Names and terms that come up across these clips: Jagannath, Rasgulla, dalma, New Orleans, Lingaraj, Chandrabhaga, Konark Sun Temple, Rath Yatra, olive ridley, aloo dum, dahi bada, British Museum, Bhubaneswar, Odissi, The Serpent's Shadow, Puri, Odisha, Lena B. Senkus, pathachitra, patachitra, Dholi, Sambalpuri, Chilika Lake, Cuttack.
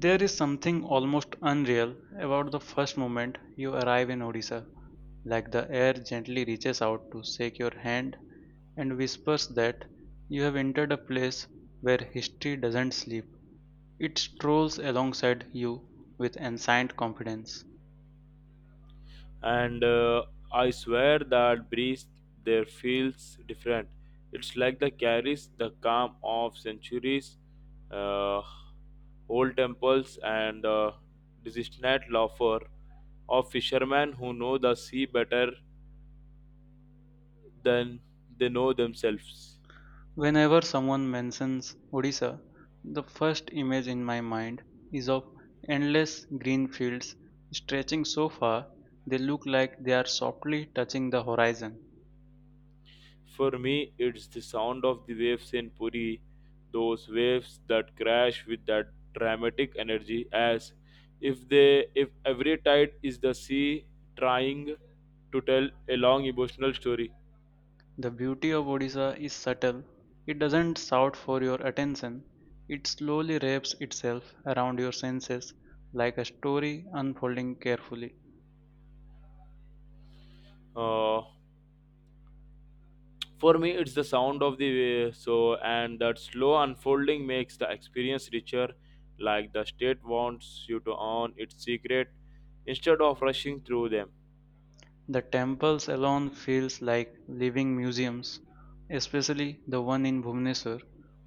There is something almost unreal about the first moment you arrive in Odisha, like the air gently reaches out to shake your hand and whispers that you have entered a place where history doesn't sleep. It strolls alongside you with ancient confidence. And I swear that breeze there feels different. It's like the carries the calm of centuries, uh, old temples, and the disinterested laughter of fishermen who know the sea better than they know themselves. Whenever someone mentions Odisha, the first image in my mind is of endless green fields stretching so far they look like they are softly touching the horizon. For me, it's the sound of the waves in Puri, those waves that crash with that dramatic energy, as if every tide is the sea trying to tell a long emotional story. The beauty of Odisha is subtle. It doesn't shout for your attention. It slowly wraps itself around your senses like a story unfolding carefully. Uh, for me, it's the sound of the wave, so and that slow unfolding makes the experience richer, like the state wants you to own its secret instead of rushing through them. The temples alone feels like living museums, especially the one in Bhubaneswar,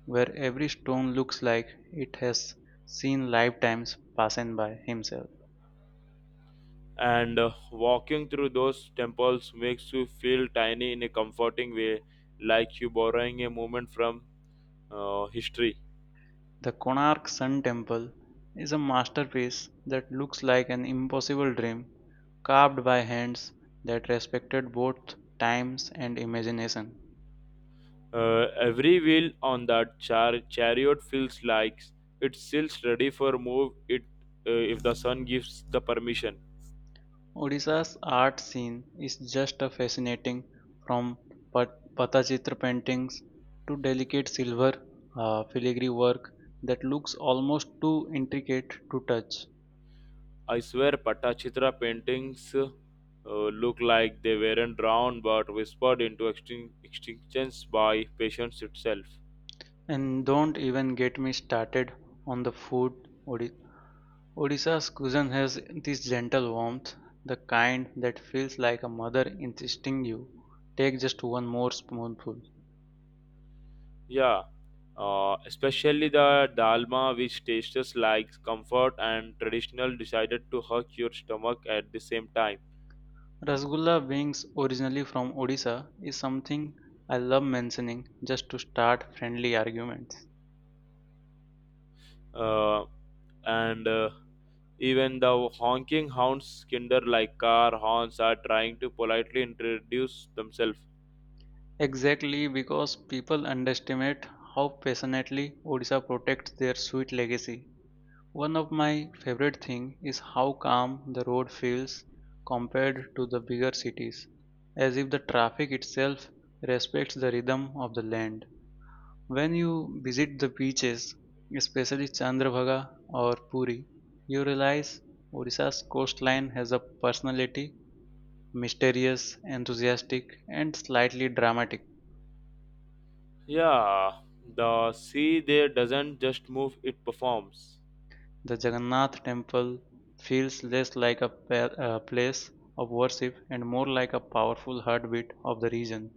where every stone looks like it has seen lifetimes passing by himself. And Walking through those temples makes you feel tiny in a comforting way, like you borrowing a moment from history. The Konark Sun Temple is a masterpiece that looks like an impossible dream, carved by hands that respected both times and imagination. Every wheel on that chariot feels like it's still ready for move it, if the sun gives the permission. Odisha's art scene is just a fascinating from pathachitra paintings to delicate silver filigree work that looks almost too intricate to touch. I swear patachitra paintings look like they weren't drawn but whispered into extinctions by patience itself. And don't even get me started on the food. Odi- Odisha's cuisine has this gentle warmth, the kind that feels like a mother insisting you take just one more spoonful. Yeah, especially the dalma, which tastes like comfort and traditional, decided to hurt your stomach at the same time. Rasgulla, being originally from Odisha, is something I love mentioning just to start friendly arguments. Uh, and Even the honking hounds, kinder like car horns, are trying to politely introduce themselves. Exactly because people underestimate how passionately Odisha protects their sweet legacy. One of my favorite thing is how calm the road feels compared to the bigger cities, as if the traffic itself respects the rhythm of the land. When you visit the beaches, especially Chandrabhaga or Puri, you realize Odisha's coastline has a personality, mysterious, enthusiastic, and slightly dramatic. Yeah, the sea there doesn't just move, it performs. The Jagannath temple feels less like a place of worship and more like a powerful heartbeat of the region.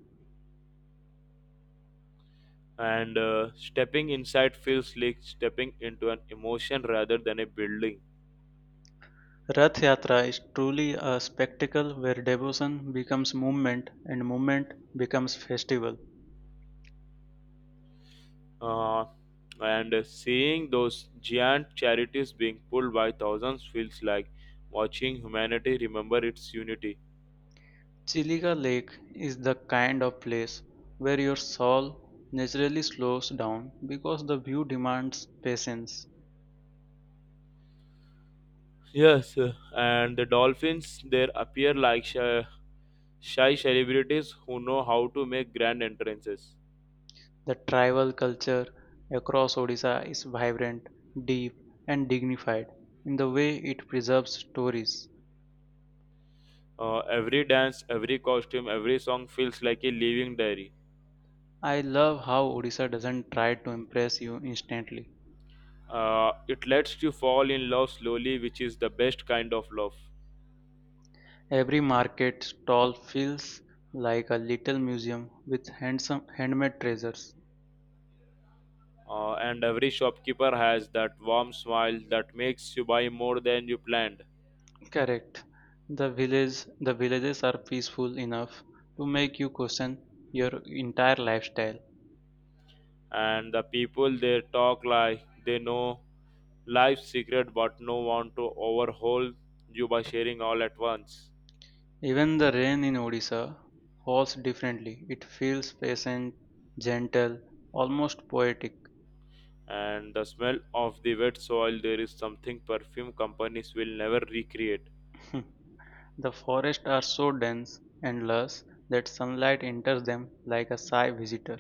And stepping inside feels like stepping into an emotion rather than a building. Rath Yatra is truly a spectacle where devotion becomes movement and movement becomes festival. uh, and seeing those giant charities being pulled by thousands feels like watching humanity remember its unity. Chilica Lake is the kind of place where your soul naturally slows down because the view demands patience. Yes, and the dolphins there appear like shy celebrities who know how to make grand entrances. The tribal culture across Odisha is vibrant, deep, and dignified in the way it preserves stories. Every dance, every costume, every song feels like a living diary. I love how Odisha doesn't try to impress you instantly. It lets you fall in love slowly, which is the best kind of love. Every market stall feels like a little museum with handsome handmade treasures. And every shopkeeper has that warm smile that makes you buy more than you planned. Correct. The villages are peaceful enough to make you question your entire lifestyle. And the people they talk like they know life's secret but no want to overhaul you by sharing all at once. Even the rain in Odisha falls differently. It feels patient, gentle, almost poetic. And the smell of the wet soil there is something perfume companies will never recreate. The forests are so dense and lush that sunlight enters them like a shy visitor.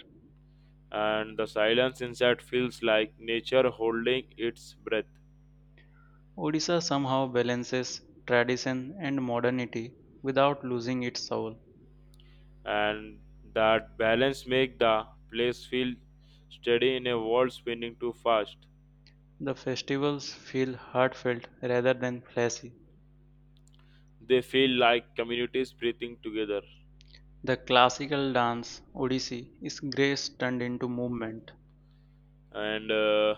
And the silence inside feels like nature holding its breath. Odisha somehow balances tradition and modernity without losing its soul. And that balance make the place feel steady in a world spinning too fast. The festivals feel heartfelt rather than flashy. They feel like communities breathing together. The classical dance, Odissi, is grace turned into movement. And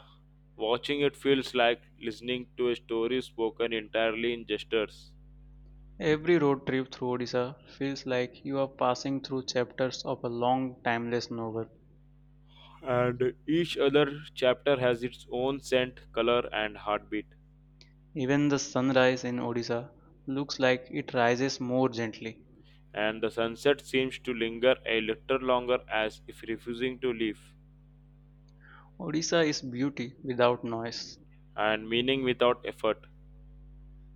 Watching it feels like listening to a story spoken entirely in gestures. Every road trip through Odisha feels like you are passing through chapters of a long, timeless novel. And each other chapter has its own scent color and heartbeat. Even the sunrise in Odisha looks like it rises more gently. And the sunset seems to linger a little longer as if refusing to leave. Odisha is beauty without noise. And meaning without effort.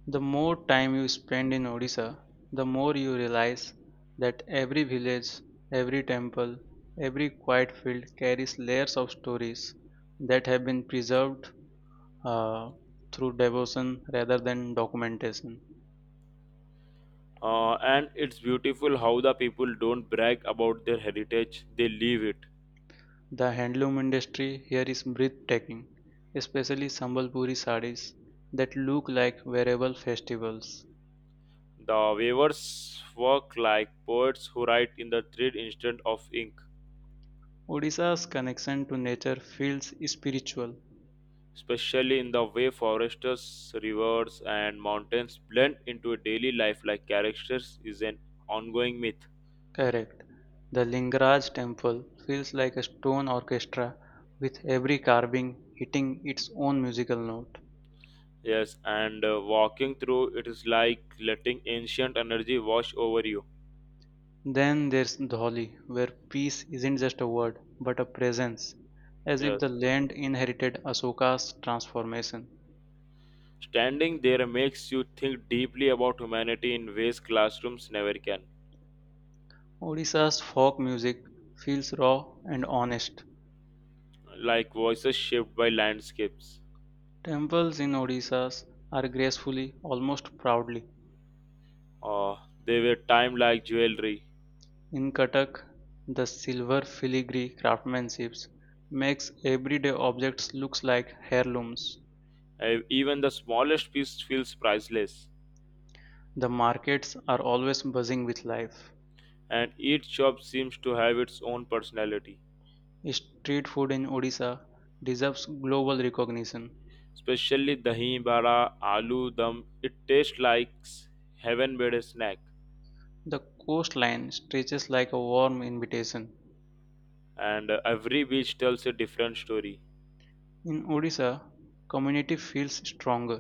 The more time you spend in Odisha, the more you realize that every village, every temple, every quiet field carries layers of stories that have been preserved uh, through devotion rather than documentation. And it's beautiful how the people don't brag about their heritage, they live it. The handloom industry here is breathtaking, especially Sambalpuri sarees that look like wearable festivals. The weavers work like poets who write in the thread instead of ink, Odisha's connection to nature feels spiritual. especially in the way forests, rivers, and mountains blend into a daily life like characters is an ongoing myth. Correct. The Lingaraj temple feels like a stone orchestra with every carving hitting its own musical note. Yes, and walking through it is like letting ancient energy wash over you. Then there's Dholi, where peace isn't just a word but a presence, as if Yes, the land inherited Ashoka's transformation. standing there makes you think deeply about humanity in ways classrooms never can. Odisha's folk music feels raw and honest. Like voices shaped by landscapes. Temples in Odisha are gracefully, almost proudly. Uh, they were timed like jewelry. In Cuttack, the silver filigree craftsmanship makes everyday objects look like heirlooms. Even the smallest piece feels priceless, The markets are always buzzing with life. and each shop seems to have its own personality. Street food in Odisha deserves global recognition. Especially dahi bada, aloo dum, it tastes like heaven made a snack. The coastline stretches like a warm invitation. And every beach tells a different story. In Odisha, community feels stronger.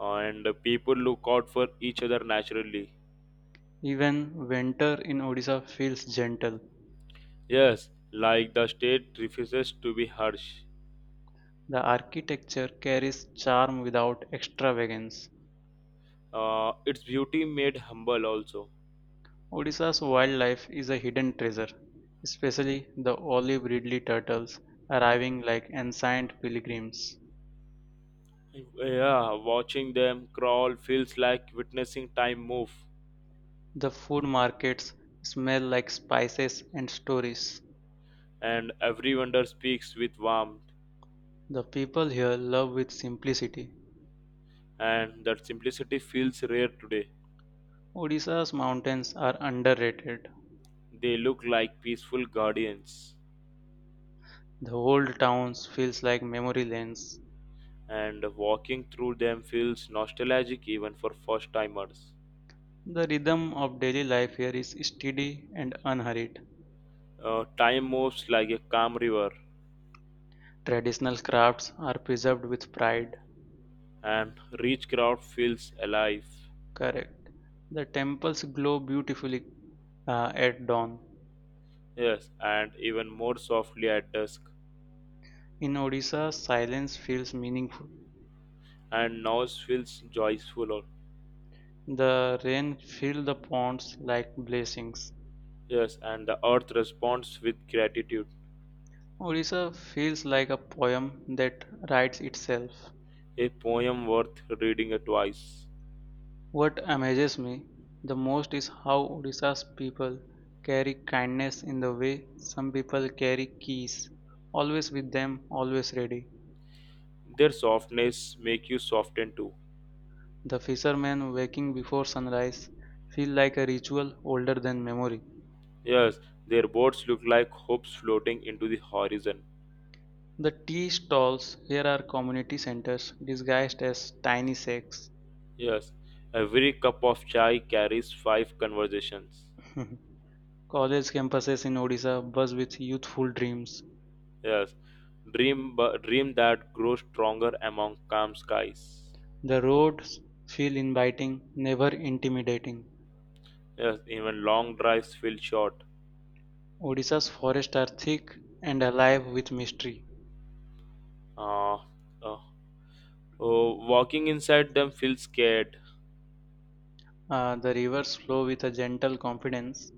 And People look out for each other naturally. Even winter in Odisha feels gentle. Yes, like the state refuses to be harsh. The architecture carries charm without extravagance. Its beauty made humble also. Odisha's wildlife is a hidden treasure, especially the olive ridley turtles arriving like ancient pilgrims. Yeah, watching them crawl feels like witnessing time move, The food markets smell like spices and stories. and every wonder speaks with warmth, The people here love with simplicity. and that simplicity feels rare today. Odisha's mountains are underrated. They look like peaceful guardians, The old towns feels like memory lanes. and walking through them feels nostalgic even for first timers. The rhythm of daily life here is steady and unhurried. Time moves like a calm river, Traditional crafts are preserved with pride. and rich crowd feels alive. Correct. The temples glow beautifully at dawn. Yes, and even more softly at dusk, In Odisha, silence feels meaningful. and noise feels joyful. The rain fills the ponds like blessings. Yes, and the earth responds with gratitude, Odisha feels like a poem that writes itself. a poem worth reading twice. What amazes me the most is how Odisha's people carry kindness in the way some people carry keys, always with them, always ready. Their softness make you soften too. The fishermen waking before sunrise feel like a ritual older than memory. Yes, their boats look like hopes floating into the horizon. The tea stalls here are community centers disguised as tiny shacks. Yes, every cup of chai carries five conversations. College campuses in Odisha buzz with youthful dreams. Yes, dream that grows stronger among calm skies. The roads feel inviting, never intimidating. Yes, even long drives feel short. Odisha's forests are thick and alive with mystery. Uh, uh, oh, walking inside them feels scared. The rivers flow with a gentle confidence.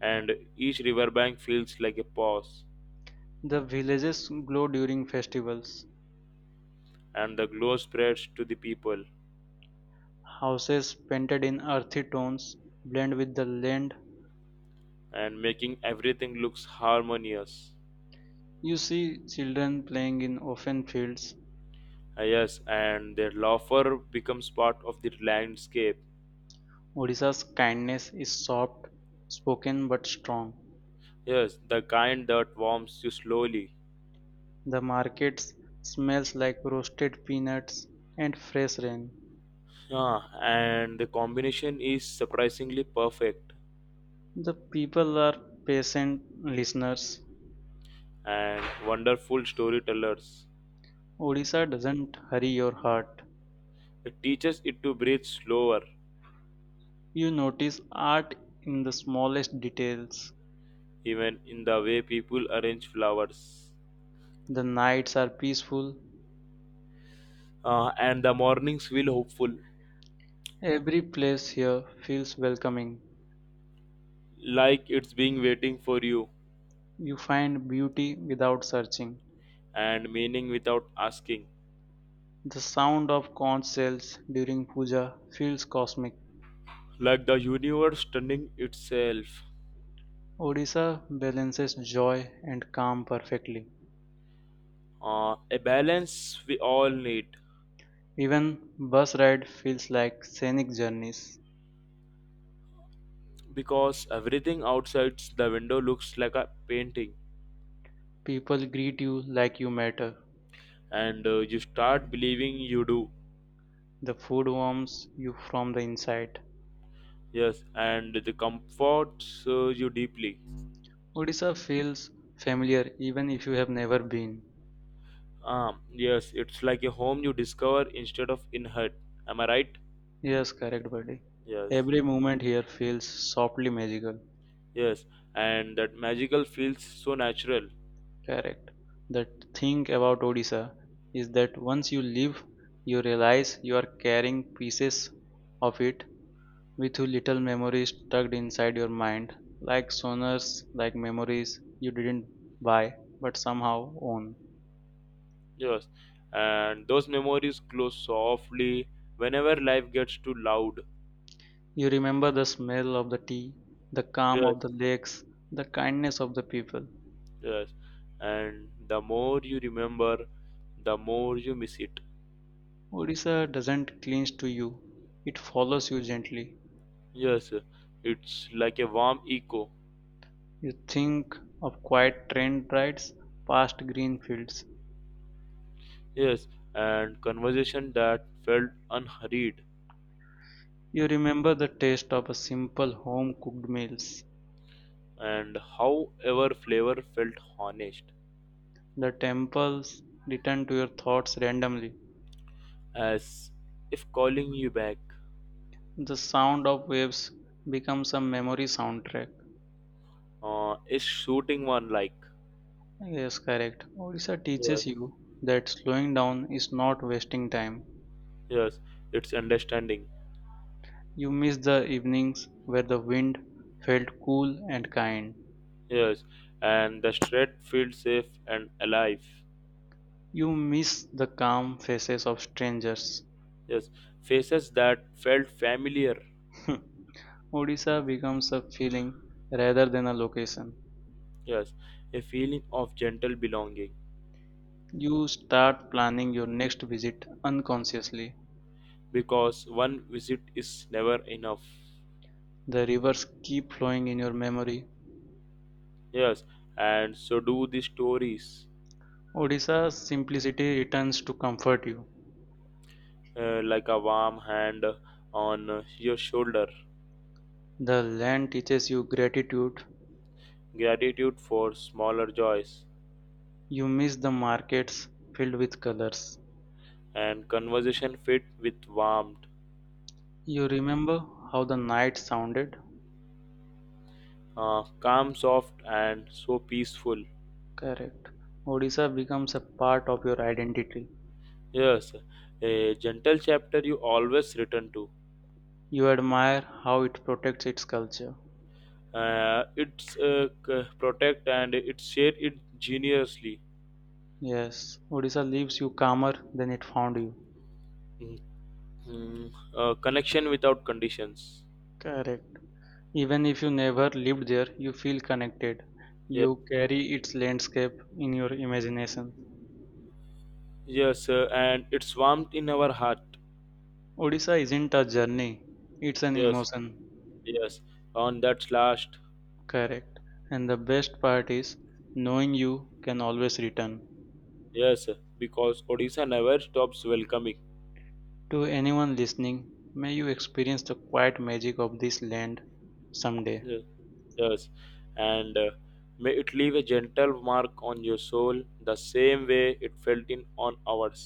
And each riverbank feels like a pause, The villages glow during festivals. and the glow spreads to the people, Houses painted in earthy tones blend with the land. and making everything looks harmonious. You see children playing in open fields. Ah, yes, and their laughter becomes part of the landscape. Odisha's kindness is soft spoken but strong. Yes, the kind that warms you slowly. The markets smells like roasted peanuts and fresh rain. Yeah, and the combination is surprisingly perfect. The people are patient listeners. And wonderful storytellers. Odisha doesn't hurry your heart. It teaches it to breathe slower, You notice art in the smallest details. even in the way people arrange flowers. The nights are peaceful. Ah, and the mornings feel hopeful, Every place here feels welcoming. like it's being waiting for you. You find beauty without searching. And meaning without asking, The sound of conch shells during puja feels cosmic. like the universe turning itself. Odisha balances joy and calm perfectly. A balance we all need, Even bus ride feels like scenic journeys. because everything outside the window looks like a painting. People greet you like you matter. And You start believing you do. The food warms you from the inside. Yes, and the comforts you deeply. Odisha feels familiar even if you have never been. Yes, it's like a home you discover instead of inherit. Am I right? Yes, correct, buddy. Yes. Every moment here feels softly magical. Yes, and that magical feels so natural. Correct. The thing about Odisha is that once you leave, you realize you are carrying pieces of it with you little memories tucked inside your mind, like sonars, like memories you didn't buy but somehow own. Yes, and those memories close softly whenever life gets too loud. You remember the smell of the tea, the calm Yes, of the lakes, the kindness of the people. yes, and the more you remember, the more you miss it. Odisha doesn't cling to you, it follows you gently. Yes, it's like a warm echo. You think of quiet train rides past green fields. Yes, and conversation that felt unhurried, You remember the taste of a simple home cooked meals. and however flavor felt honest, The temples return to your thoughts randomly. as if calling you back. The sound of waves becomes a memory soundtrack. Is shooting one like. Yes, correct. Odisha Yes, teaches you that slowing down is not wasting time. yes, it's understanding. You miss the evenings where the wind felt cool and kind. Yes, and the street feels safe and alive. You miss the calm faces of strangers. Yes, faces that felt familiar. Odisha becomes a feeling rather than a location. Yes, a feeling of gentle belonging, You start planning your next visit unconsciously. because one visit is never enough. The rivers keep flowing in your memory. Yes, and so do the stories. Odisha's simplicity returns to comfort you. Like a warm hand on your shoulder, The land teaches you gratitude. gratitude for smaller joys, You miss the markets filled with colors. and conversation fit with warmth, You remember how the night sounded? Calm, soft, and so peaceful. Correct. Odisha becomes a part of your identity. Yes, a gentle chapter you always return to. You admire how it protects its culture. It's Protect and it share it generously. Yes, Odisha leaves you calmer than it found you. Mhm. Connection without conditions. Correct. Even if you never lived there, you feel connected. Yeah. You carry its landscape in your imagination. Yes, and it's warmed in our heart. Odisha isn't a journey, it's an Yes, emotion. yes. On that last. Correct. And the best part is knowing you can always return. Yes, because Odisha never stops welcoming. To anyone listening, may you experience the quiet magic of this land someday. Yes, yes. and May it leave a gentle mark on your soul the same way it felt in on ours.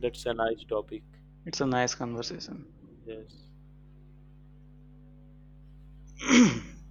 That's a nice topic. It's a nice conversation. Yes.